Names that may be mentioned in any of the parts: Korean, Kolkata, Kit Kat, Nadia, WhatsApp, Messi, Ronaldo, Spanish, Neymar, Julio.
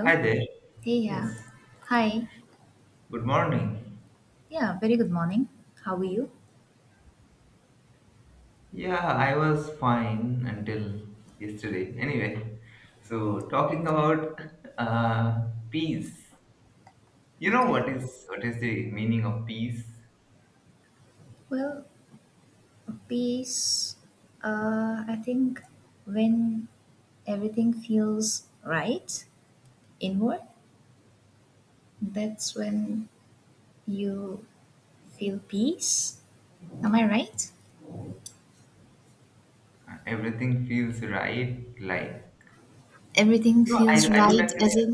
Hi there. Hey, yeah. Yes. Hi. Good morning. Yeah, very good morning. How are you? Yeah, I was fine until yesterday. Anyway, so talking about peace. You know Okay. what is the meaning of peace? Well, peace. I think when everything feels right inward, that's when you feel peace. Am I right? Everything feels right. Like Everything no, I feels I don't right actually. as in,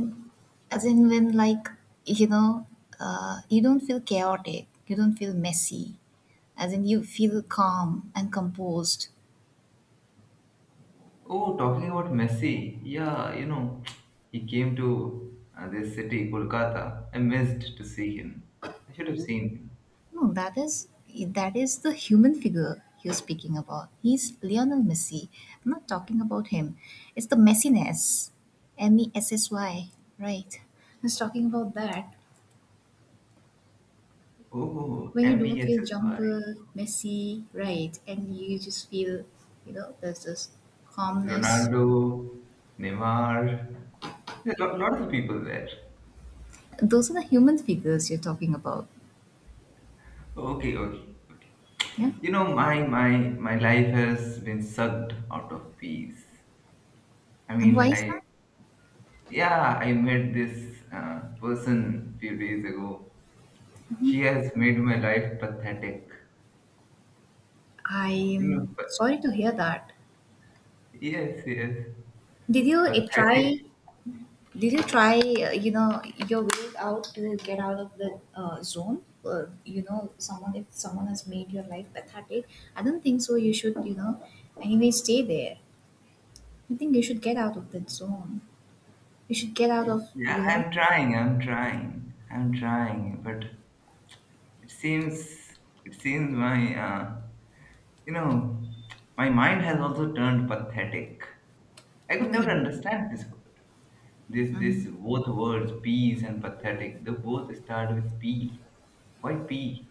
when, like, you know you don't feel chaotic, you don't feel messy, as in you feel calm and composed. Oh, talking about Messi. Yeah, he came to this city, Kolkata. I missed to see him. I should have seen him. No, that is the human figure you're speaking about. He's Lionel Messi. I'm not talking about him. It's the messiness, messy, right? I was talking about that. Oh, When you M E don't S feel S Y. jumper messy, right, and you just feel, you know, there's this calmness. Ronaldo, Neymar, a lot of people there. Those are the human figures you're talking about. Okay, okay, okay. Yeah. My life has been sucked out of peace. I And why mean, is I that? yeah, I met this person few days ago. She has made my life pathetic. You know, I'm pa- sorry to hear that. yes, yes, did you uh, try pathetic. did you try, uh, you know your way out to get out of the zone? Someone, if someone has made your life pathetic, I don't think so you should, anyway stay there. I think you should get out of that zone. You should get out of, Yeah, you know I'm trying, I'm trying, I'm trying, but it seems it seems You know, my mind has also turned pathetic. I could never Okay, understand this word. This both words, peas and pathetic, they both start with P. Why P?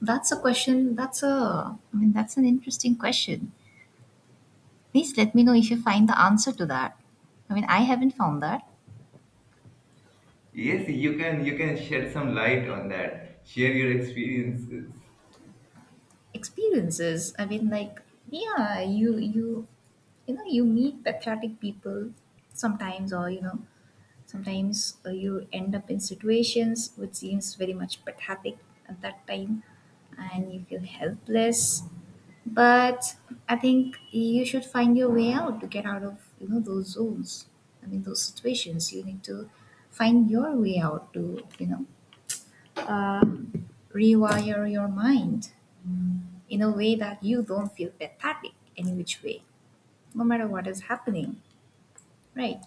that's a question. I mean, that's an interesting question. Please let me know if you find the answer to that. I mean, I haven't found that. Yes, you can shed some light on that. Share your experiences. Experiences. I mean, like, yeah, you know, you meet patriotic people sometimes, or, you know, sometimes, you end up in situations which seems very much pathetic at that time, and you feel helpless. But I think you should find your way out to get out of, those zones. I mean, those situations. You need to find your way out to, uh, rewire your mind in a way that you don't feel pathetic any which way, no matter what is happening, right?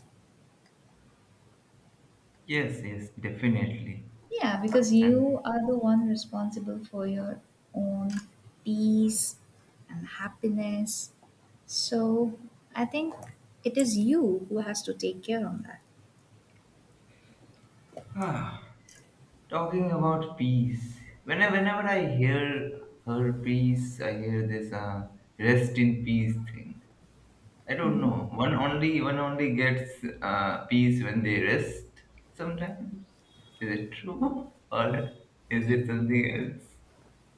Yes, yes, definitely. Yeah, because you And are the one responsible for your own peace and happiness. So I think it is you who has to take care on that. ah, talking about peace. Whenever I hear her peace, I hear this rest in peace thing. I don't know. One only gets peace when they rest. Sometimes, is it true or is it something else?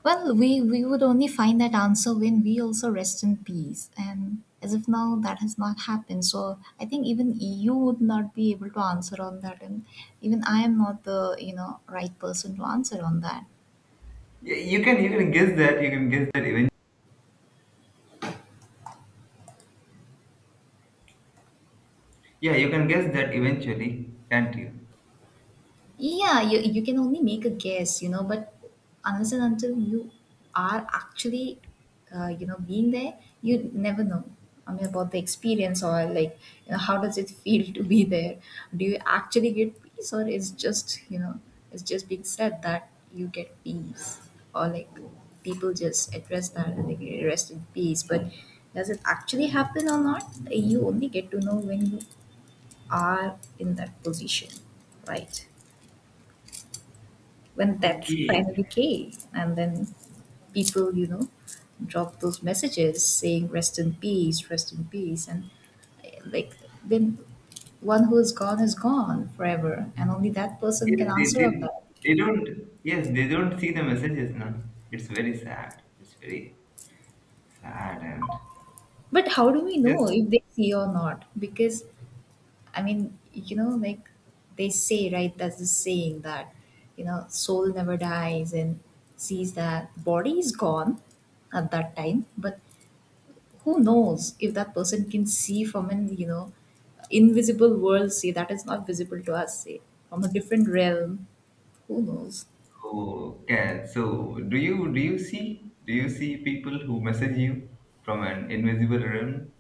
Well, we would only find that answer when we also rest in peace. And as of now, that has not happened. So I think even EU would not be able to answer on that. And even I am not the, right person to answer on that. Yeah, you can guess that. You can guess that even. Yeah, you can guess that eventually, can't you? Yeah, you can only make a guess, but unless and until you are actually, being there, you never know. I mean, about the experience, or, like, how does it feel to be there? Do you actually get peace, or is just, it's just being said that you get peace, or, like, people just address that and they get rest in peace. But does it actually happen or not? You only get to know when you are in that position, right? When death Okay. finally came and then people, dropped those messages saying rest in peace, rest in peace, and, like, then one who is gone forever, and only that person Yes, can they answer on did. that. They don't. Yes, they don't see the messages now. It's very sad. It's very sad. And But how do we yes. know if they see or not? Because, I mean, like, they say, right, that's the saying, that, soul never dies and sees that body is gone at that time. But who knows if that person can see from an, invisible world, say, that is not visible to us, say, from a different realm. Who knows? Oh, can so do you see people who message you from an invisible realm?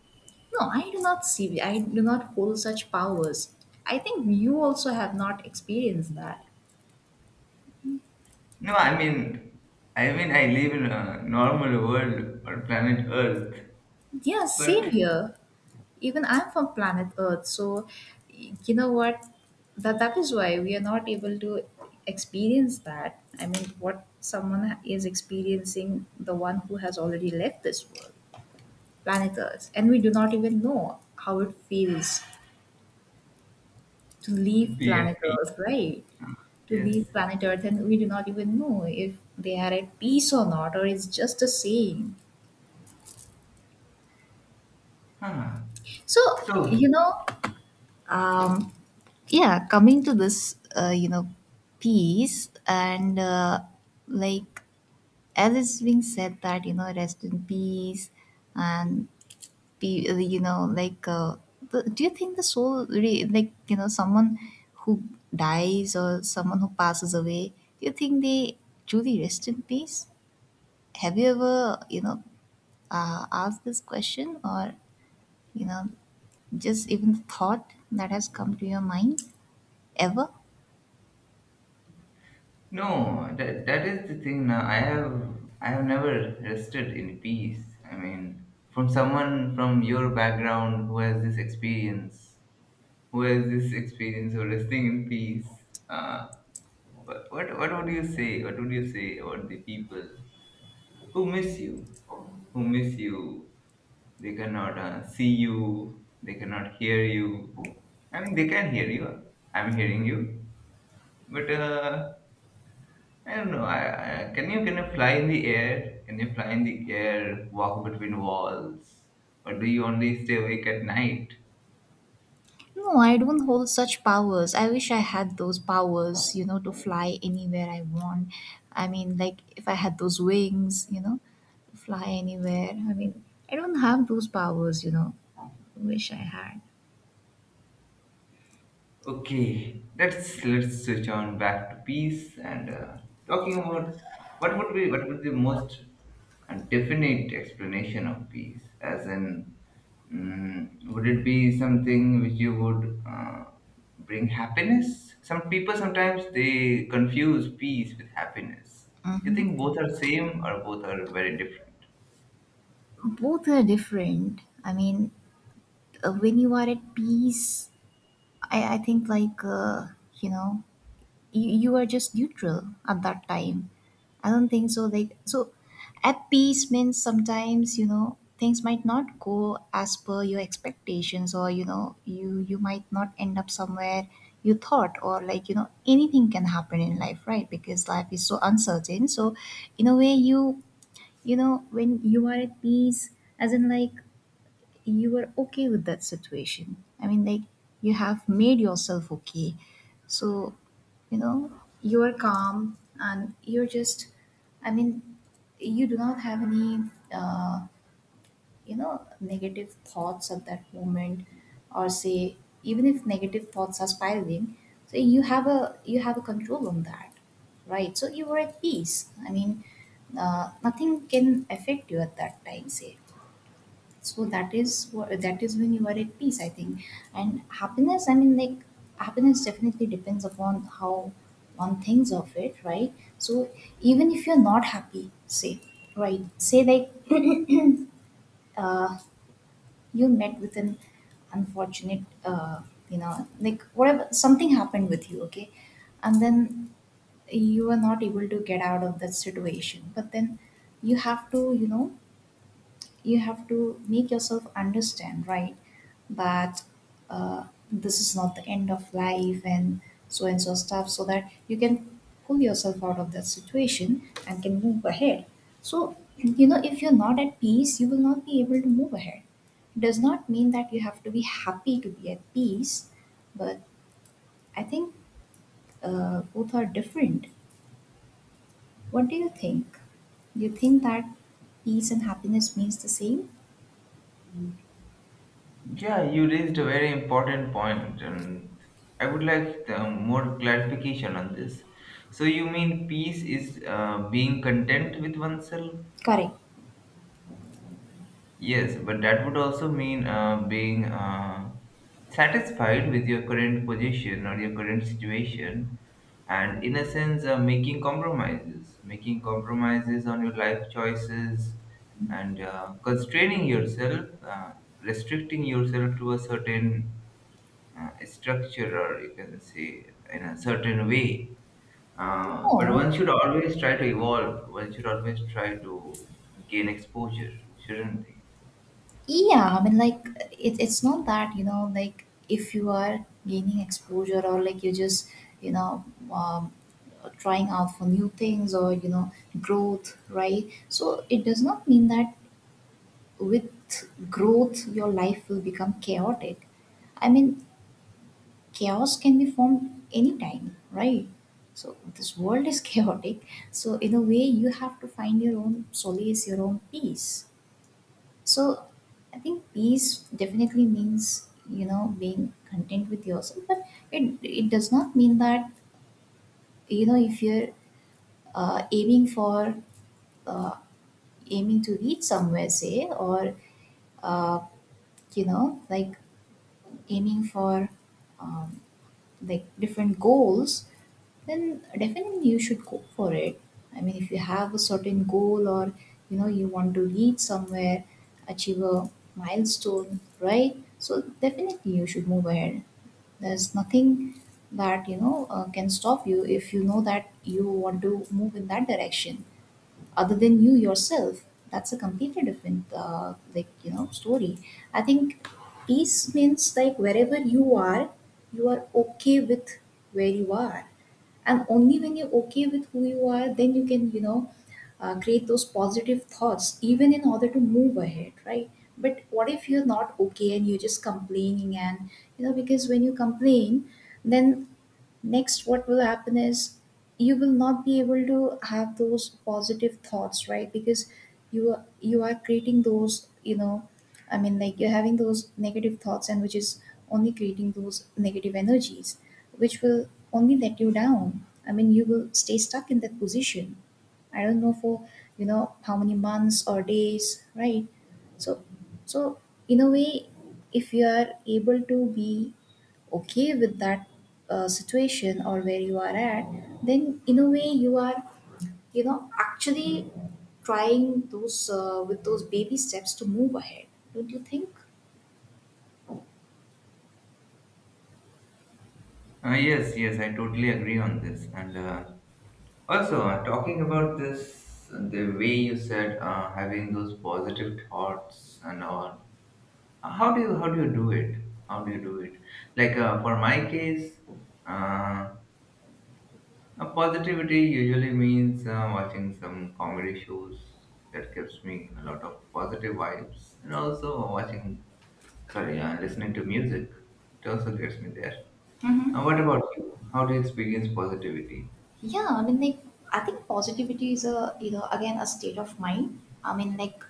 No, I do not see. I do not hold such powers. I think you also have not experienced that. No, I mean, I live in a normal world or planet Earth, Yeah, same but here. Even I'm from planet Earth. So, you know what, that is why we are not able to experience that. I mean, what someone is experiencing, the one who has already left this world, planet Earth, and we do not even know how it feels to to leave be at planet peace, Earth, right? huh? To Yes. leave planet Earth, and we do not even know if they are at peace or not, or it's just a saying. Huh. So, So you know, um, yeah, coming to this, peace, and like, as is being said that, rest in peace, and be like do you think the soul really, like, someone who dies or someone who passes away, do you think they truly rest in peace? Have you ever, asked this question, or, you know just even the thought that has come to your mind, ever? no, that is the thing. Now I have never rested in peace. I mean, from someone from your background who has this experience, of resting in peace. What would you say? What would you say about the people who miss you? Who miss you? They cannot see you. They cannot hear you. I mean, they can hear you. I'm hearing you. But I don't know. Can you fly in the air? Can you fly in the air? Walk between walls? Or do you only stay awake at night? No, I don't hold such powers. I wish I had those powers, to fly anywhere I want. I mean, like, if I had those wings, to fly anywhere. I mean, I don't have those powers. Wish I had. Okay, let's switch on back to peace and talking about what would be the most definite explanation of peace, as in, would it be something which you would bring happiness? Some people sometimes they confuse peace with happiness. You Hmm. think both are same or both are very different? Both are different. I mean, when you are at peace, I think, like, you know, you are just neutral at that time. I don't think so. Like, so, at peace means sometimes, things might not go as per your expectations, or, you might not end up somewhere you thought, or, like, anything can happen in life, right? Because life is so uncertain. So, in a way, you know, when you are at peace, as in, like, you were okay with that situation. I mean, like, you have made yourself okay. So, you know, you are calm, and you're just, I mean, you do not have any, uh, negative thoughts at that moment, or say, even if negative thoughts are spiraling, so you have a control on that, right? So you were at peace. I mean, nothing can affect you at that time, say, so that is what, that is when you are at peace, I think. And happiness, I mean, like, happiness definitely depends upon how one thinks of it, right? So even if you're not happy, say, right, say, like, uh, you met with an unfortunate, like, whatever, something happened with you, okay, and then you are not able to get out of that situation, but then you have to, you have to make yourself understand, right? But uh, this is not the end of life and so stuff, so that you can pull yourself out of that situation and can move ahead. So, if you're not at peace, you will not be able to move ahead. Does not mean that you have to be happy to be at peace. But I think both are different. What do you think? Do you think that peace and happiness means the same? Yeah, you raised a very important point, and I would like more clarification on this. So, you mean peace is being content with oneself? Correct. Yes, but that would also mean being satisfied with your current position or your current situation, and, in a sense, making compromises on your life choices, and constraining yourself, restricting yourself to a certain structure, or you can say, in a certain way. But No. one should always try to evolve. One should always try to gain exposure, shouldn't they? Yeah, I mean, like, it's not that, like, if you are gaining exposure, or, like, you're just, you know um, trying out for new things, or, growth, right? So it does not mean that with growth your life will become chaotic. I mean, chaos can be formed anytime, right? So this world is chaotic. So in a way, you have to find your own solace, your own peace. So I think peace definitely means, being content with yourself, but it does not mean that, if you're uh, aiming for uh, aiming to reach somewhere, say, or uh, like, aiming for, um, like, different goals. Then definitely you should go for it. I mean, if you have a certain goal, or, you want to reach somewhere, achieve a milestone, right? So definitely you should move ahead. There's nothing that, can stop you if you know that you want to move in that direction. Other than you yourself, that's a completely different like, story. I think peace means, like, wherever you are okay with where you are, and only when you're okay with who you are, then you can, create those positive thoughts even in order to move ahead, right? But what if you're not okay and you're just complaining? And, because when you complain, then next what will happen is you will not be able to have those positive thoughts, right? Because you are creating those, I mean, like, you're having those negative thoughts, and which is only creating those negative energies, which will only let you down. I mean, you will stay stuck in that position, I don't know for, how many months or days, right? So, so in a way, if you are able to be okay with that, situation or where you are at, then in a way you are, actually trying those, with those baby steps to move ahead, don't you think? Yes, yes, I totally agree on this. And also, talking about this, the way you said having those positive thoughts and all. How do you do it? How do you do it? Like, for my case, uh, positivity usually means watching some comedy shows that gives me a lot of positive vibes, and also watching, sorry, listening to music. It also gets me there. Mm-hmm. What about you? How do you experience positivity? Yeah, I mean, I think positivity is a again a state of mind. I mean,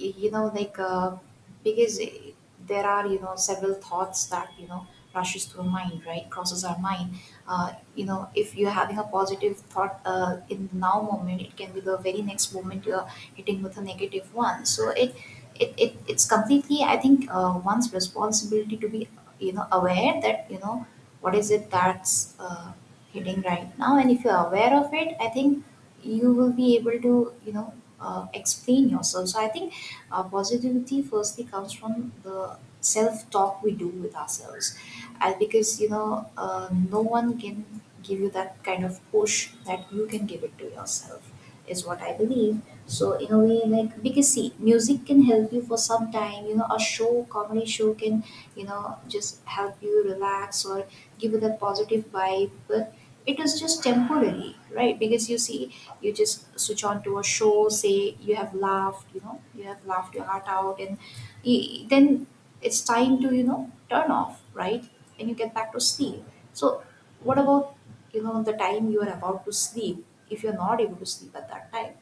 y- you know like uh, because there are, you know, several thoughts that, you know, rushes through mind, right, crosses our mind. You know, if you're having a positive thought in the now moment, it can be the very next moment you're hitting with a negative one. So it it's completely, I think, one's responsibility to be, you know, aware that, you know, what is it that's uh, hitting right now. And if you're aware of it, I think you will be able to you know explain yourself. So I think positivity firstly comes from the self talk we do with ourselves, and because, you know, no one can give you that kind of push that you can give it to yourself, is what I believe. So in a way, like because see, music can help you for some time. You know, a show, comedy show can, you know, just help you relax or give you that positive vibe, but it is just temporary, right? Because you see, you just switch on to a show, say you have laughed, you know, you have laughed your heart out, and then it's time to, you know, turn off, right, and you get back to sleep. So what about, you know, the time you are about to sleep? If you're not able to sleep at that time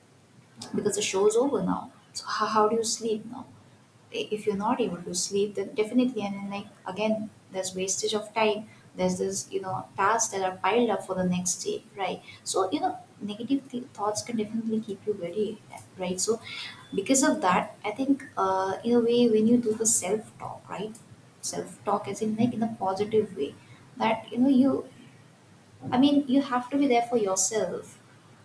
because the show's over now, so how do you sleep now? If you're not able to sleep, then definitely, and then, like, again, there's wastage of time. There's this, you know, tasks that are piled up for the next day, right? So, you know, negative thoughts can definitely keep you very, right? So because of that, I think, in a way, when you do the self talk, right, self talk as in like in a positive way, that, you know, you, I mean, you have to be there for yourself,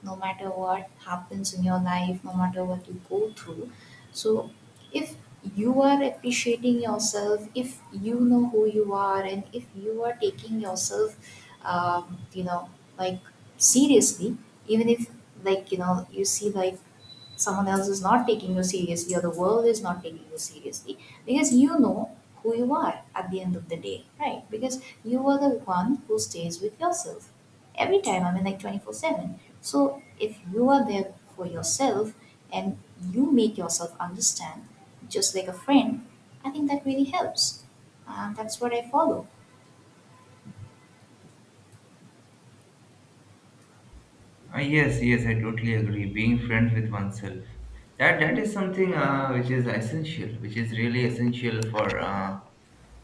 no matter what happens in your life, no matter what you go through. So, if you are appreciating yourself, if you know who you are, and if you are taking yourself, you know, like, seriously, even if, like, you know, you see, like, someone else is not taking you seriously or the world is not taking you seriously, because you know who you are at the end of the day, right? Because you are the one who stays with yourself every time, I mean, like, 24/7. So if you are there for yourself and you make yourself understand, just like a friend, I think that really helps, and that's what I follow. Yes, yes, I totally agree. Being friends with oneself, that is something which is essential, which is really essential for uh,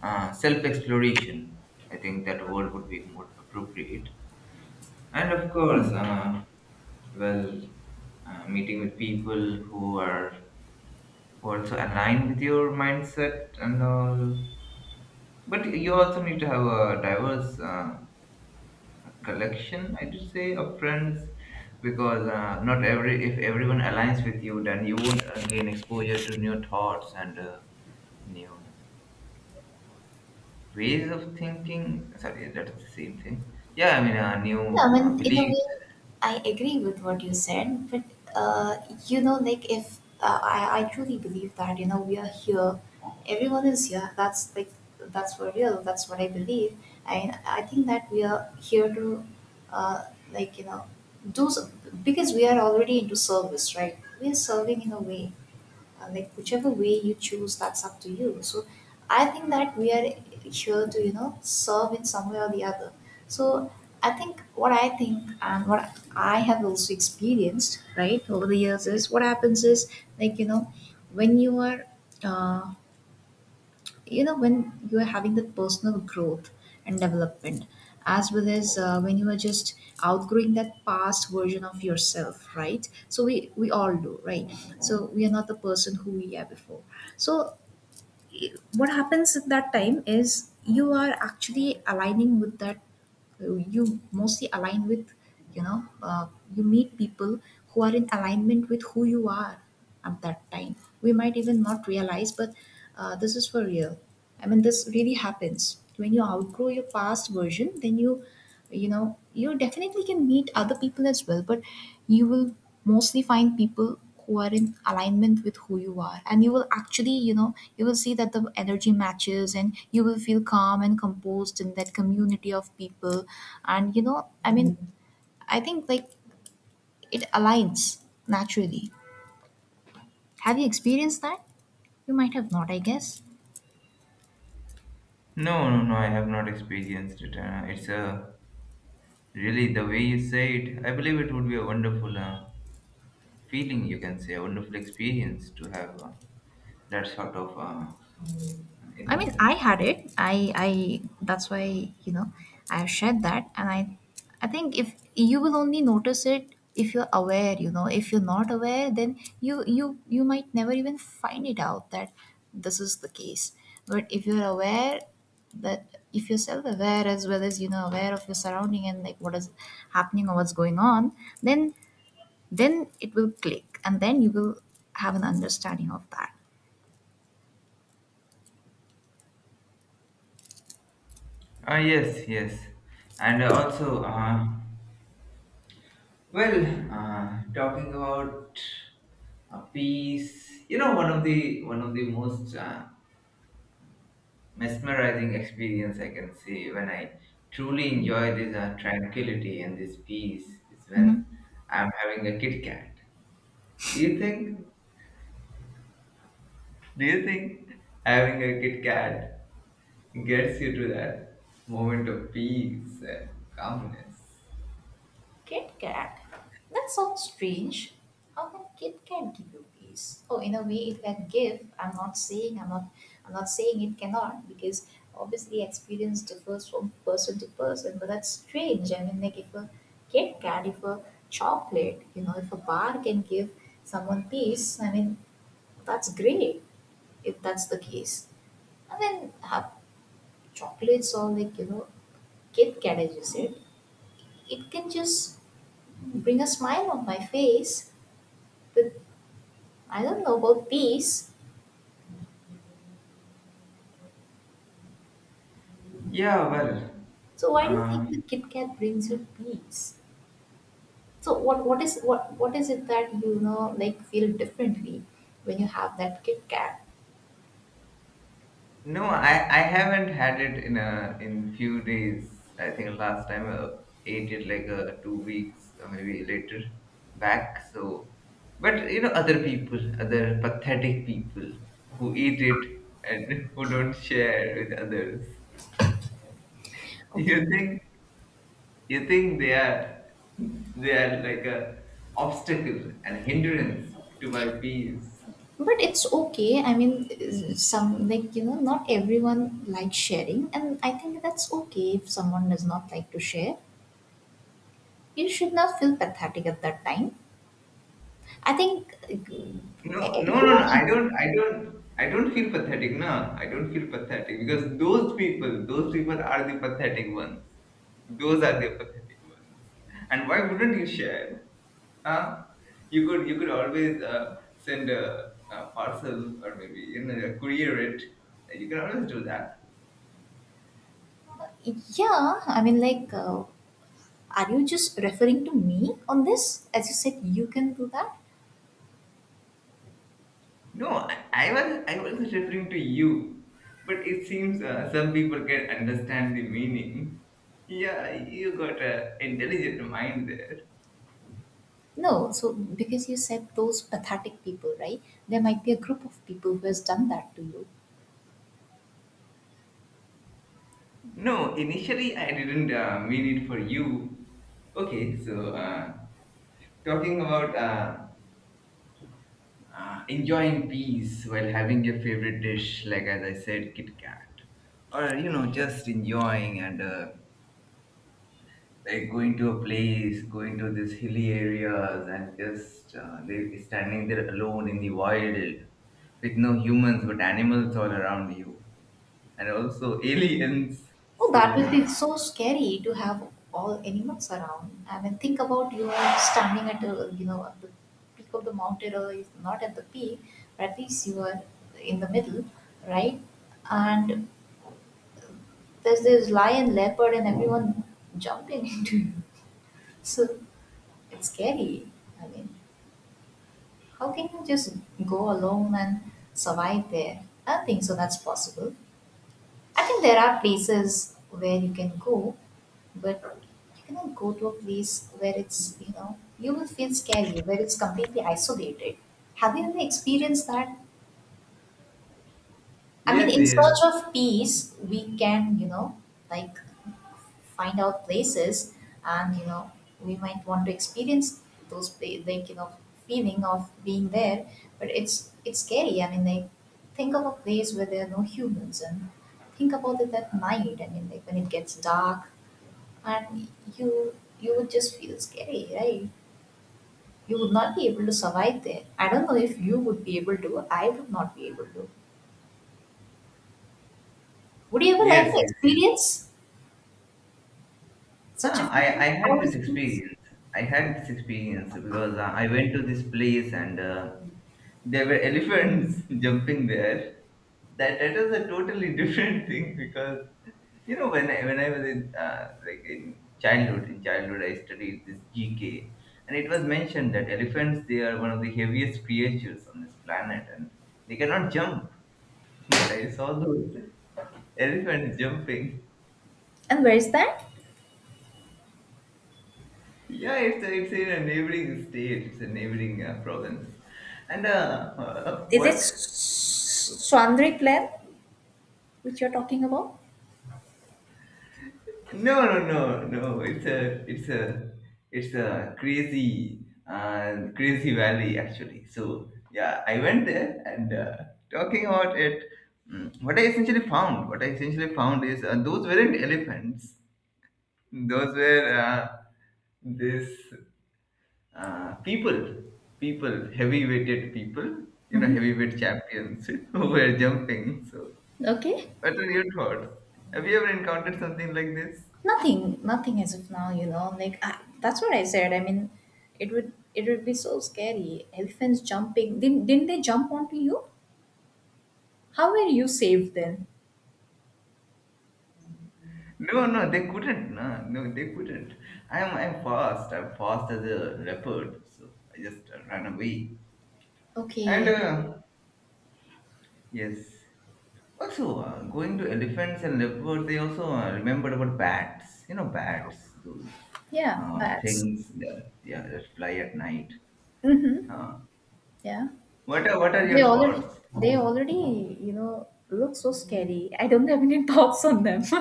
uh, self-exploration. I think that word would be more appropriate. And of course, well, meeting with people who are also aligned with your mindset and all. But you also need to have a diverse collection, I would say, of friends, because not every if everyone aligns with you, then you would gain exposure to new thoughts and new ways of thinking. Sorry, that is the same thing. Yeah, I mean, Yeah, new I mean, in a way, beliefs. I agree with what you said, but uh, you know, like, if I truly believe that, you know, we are here, everyone is here. That's like that's for real. That's what I believe. And I think that we are here to, uh, like, you know, do some, because we are already into service, right? We are serving in a way, like whichever way you choose, that's up to you. So I think that we are here to, you know, serve in some way or the other. So I think what I think and what I have also experienced, right, over the years, is what happens is, like, you know, when you are, uh, you know, when you are having the personal growth and development, as well as when you are just outgrowing that past version of yourself, right? So we all do, right? So we are not the person who we are before. So what happens at that time is you are actually aligning with that, you mostly align with, you know uh, you meet people who are in alignment with who you are at that time. We might even not realize, but this is for real. I mean, this really happens. When you outgrow your past version, then you know, you definitely can meet other people as well, but you will mostly find people who are in alignment with who you are, and you will actually, you know, you will see that the energy matches and you will feel calm and composed in that community of people. And, you know, I mean, I think, like, it aligns naturally. Have you experienced that? You might have not, I guess. No, no, no, I have not experienced it. It's a really, the way you say it, I believe it would be a wonderful feeling, you can say, a wonderful experience to have that sort of, I mean, like. I had it. I. That's why, you know, I have shared that, and I think if you will only notice it if you're aware. You know, if you're not aware, then you might never even find it out that this is the case. But if you're aware, that if you're self-aware as well as, you know, aware of your surrounding and like what is happening or what's going on, then then it will click, and then you will have an understanding of that. Yes, yes. And also, well, talking about peace, one of the most mesmerizing experience, I can say, when I truly enjoy this tranquility and this peace is when I'm having a Kit Kat. Do you think? Do you think having a Kit Kat gets you to that moment of peace and calmness? Kit Kat? That sounds strange. How can Kit Kat give you peace? Oh, in a way it can give. I'm not saying it cannot, because obviously experience differs from person to person, but that's strange. I mean, like, if a Kit Kat, if a chocolate, you know, if a bar can give someone peace, I mean, that's great, if that's the case. And then have chocolates, or, like, you know, Kit Kat, as you said, it can just bring a smile on my face. With, I don't know about peace. Yeah, well, So why do you uh, think the Kit Kat brings you peace? So what is what is it that, you know, like feel differently when you have that Kit Kat? no, I haven't had it in a in few days. I think last time I ate it like, 2 weeks or maybe later back. So, but other people, other pathetic people who eat it and who don't share with others. You Okay. think you think they are like a obstacle and hindrance to my peace. But it's okay. I mean, some, like, you know, not everyone likes sharing, and I think that's okay if someone does not like to share. You should not feel pathetic at that time. I think No, no, no, no. everyone I has. don't, I don't, I don't feel pathetic. No, I don't feel pathetic, because those people are the pathetic ones. Those are the pathetic ones. And why wouldn't you share? Huh? You could always send a parcel, or maybe courier it. You can always do that. Yeah, I mean, like, are you just referring to me on this? As you said, you can do that? No, I was referring to you, but it seems some people can understand the meaning. Yeah, you got a intelligent mind there. No, so because you said those pathetic people, right? There might be a group of people who has done that to you. No, initially I didn't mean it for you. Okay, so talking about enjoying peace while having your favorite dish, like, as I said, Kit Kat, or just enjoying and, like, going to a place, going to these hilly areas, and just they standing there alone in the wild with no humans but animals all around you, and also aliens. Oh, So that would be so scary to have all animals around. I mean, think about, you are standing at a, you know, at the peak of the mountain, or if not at the peak, but at least you are in the middle, right? And there's this lion, leopard, and everyone jumping into you. So it's scary. I mean, how can you just go alone and survive there? I don't think so that's possible. I think there are places where you can go, but you cannot go to a place where it's, you know, you will feel scary, where it's completely isolated. Have you ever experienced that? I mean, yes, in yes, search of peace, we can, you know, like, find out places, and, you know, we might want to experience those like, you know, feeling of being there, but it's scary. I mean, like, think of a place where there are no humans, and think about it at night. I mean, like, when it gets dark and you you would just feel scary, right? You would not be able to survive there. I don't know if you would be able to. I would not be able to. Would you ever like yes, to yes, yes. experience such Huh, a I feeling, how had this it feels? experience. I had this experience because I went to this place and there were elephants jumping there. That was a totally different thing, because when I was in, like, in childhood I studied this GK, and it was mentioned that elephants, they are one of the heaviest creatures on this planet and they cannot jump. But I saw those elephants jumping. And where is that? Yeah, it's in a neighboring state. It's a neighboring province, and Is it what? Swandri plan which you're talking about? No, no, no, no. It's a crazy crazy valley actually. So yeah, I went there and, talking about it. What I essentially found is those weren't elephants. Those were this. uh, people, People, heavy-weighted people, Hmm. heavyweight champions who were jumping. So, Okay. what are your thoughts? Have you ever encountered something like this? Nothing, nothing as of now, you know. That's what I said. I mean, it would be so scary. Elephants jumping. Didn't they jump onto you? How were you saved then? No, no, they couldn't. No, no, they couldn't. I'm fast. I'm fast as a leopard. So I just ran away. And Okay. Yes, also going to elephants and leopards, they also remembered about bats. Bats, those Yeah, bats. things that, yeah, that fly at night. Mm-hmm. Huh? Yeah, What are they your already, thoughts? they already you know, look so scary. I don't have any thoughts on them.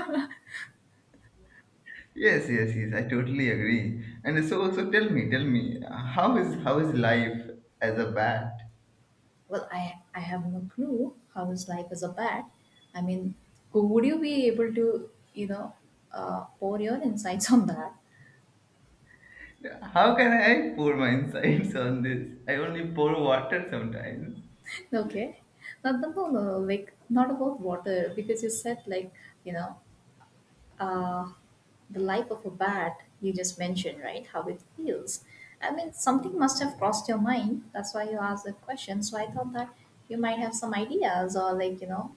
Yes, yes, yes. I totally agree. And so tell me, how is life as a bat? Well, I have no clue how his life is a bat. I mean, would you be able to, you know, pour your insights on that? How can I pour my insights on this? I only pour water sometimes. Okay, no, like not about water, because you said, like, you know, uh, the life of a bat. You just mentioned, right, how it feels. I mean, something must have crossed your mind. That's why you asked that question. So I thought that you might have some ideas, or, like, you know,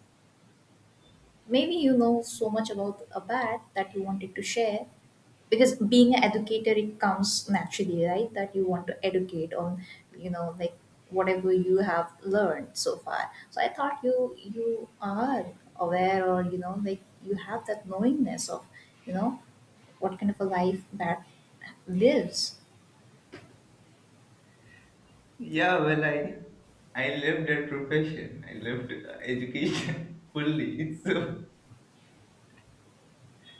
maybe you know so much about a bat that you wanted to share, because being an educator it comes naturally, right, that you want to educate on, you know, like, whatever you have learned so far. So I thought you, you are aware, or, you know, like, you have that knowingness of, you know, what kind of a life bat lives. Yeah, well, I left that profession. I left education fully. So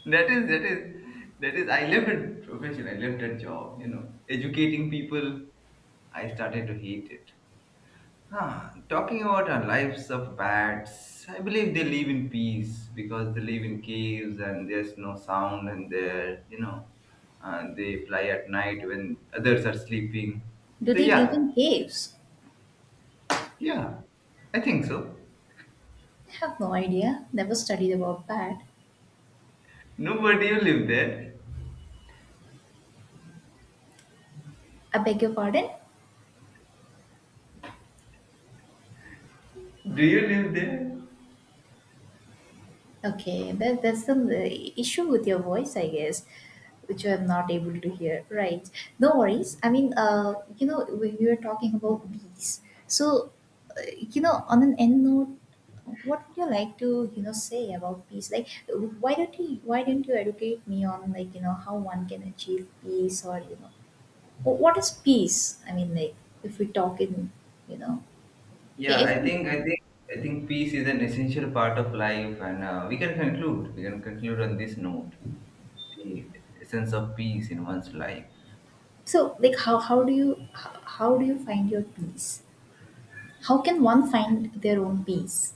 that is that is that is. I left that profession. I left that job. Educating people. I started to hate it. Talking about our lives of bats, I believe they live in peace, because they live in caves and there's no sound, and they fly at night when others are sleeping. Do So, they live yeah, in caves? yeah, I think so. I have no idea. Never studied about that. No, but do you live there? I beg your pardon? Do you live there? Okay, that that's the issue with your voice, I guess, which I'm not able to hear. Right. No worries. I mean, you know, we were talking about bees. So, uh, you know, on an end note, what would you like to, you know, say about peace? Like, why don't you educate me on, like, you know, how one can achieve peace, or, you know, what is peace? I mean, like, if we talk in, you know, Yeah, if, I think peace is an essential part of life, and we can conclude on this note, the essence of peace in one's life. so, like, how do you find your peace? How can one find their own peace?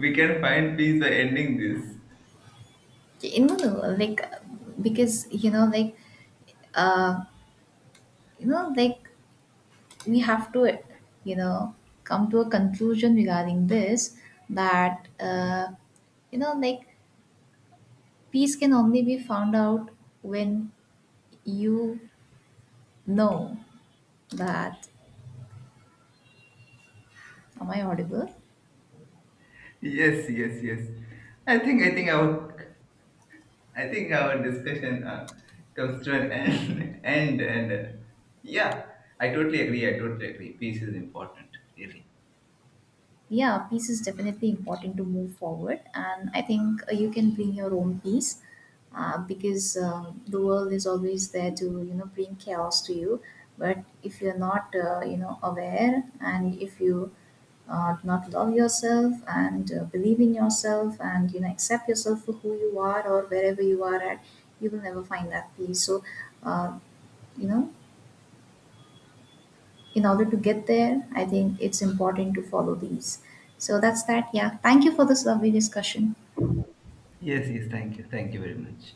We can find peace by ending this. You know, no, like, because uh you know like we have to, you know, come to a conclusion regarding this that you know like peace can only be found out when you know that, am I audible? Yes, yes, yes. I think I think our I think our discussion comes to an end, and yeah, I totally agree. I totally agree. Peace is important, really. Yeah, peace is definitely important to move forward, and I think you can bring your own peace, because the world is always there to, you know, bring chaos to you. But if you're not, you know, aware, and if you do not love yourself and believe in yourself and, you know, accept yourself for who you are, or wherever you are at, you will never find that peace. So, uh, you know, in order to get there, I think it's important to follow these. So that's that. Yeah. Thank you for this lovely discussion. Yes, yes. Thank you. Thank you very much.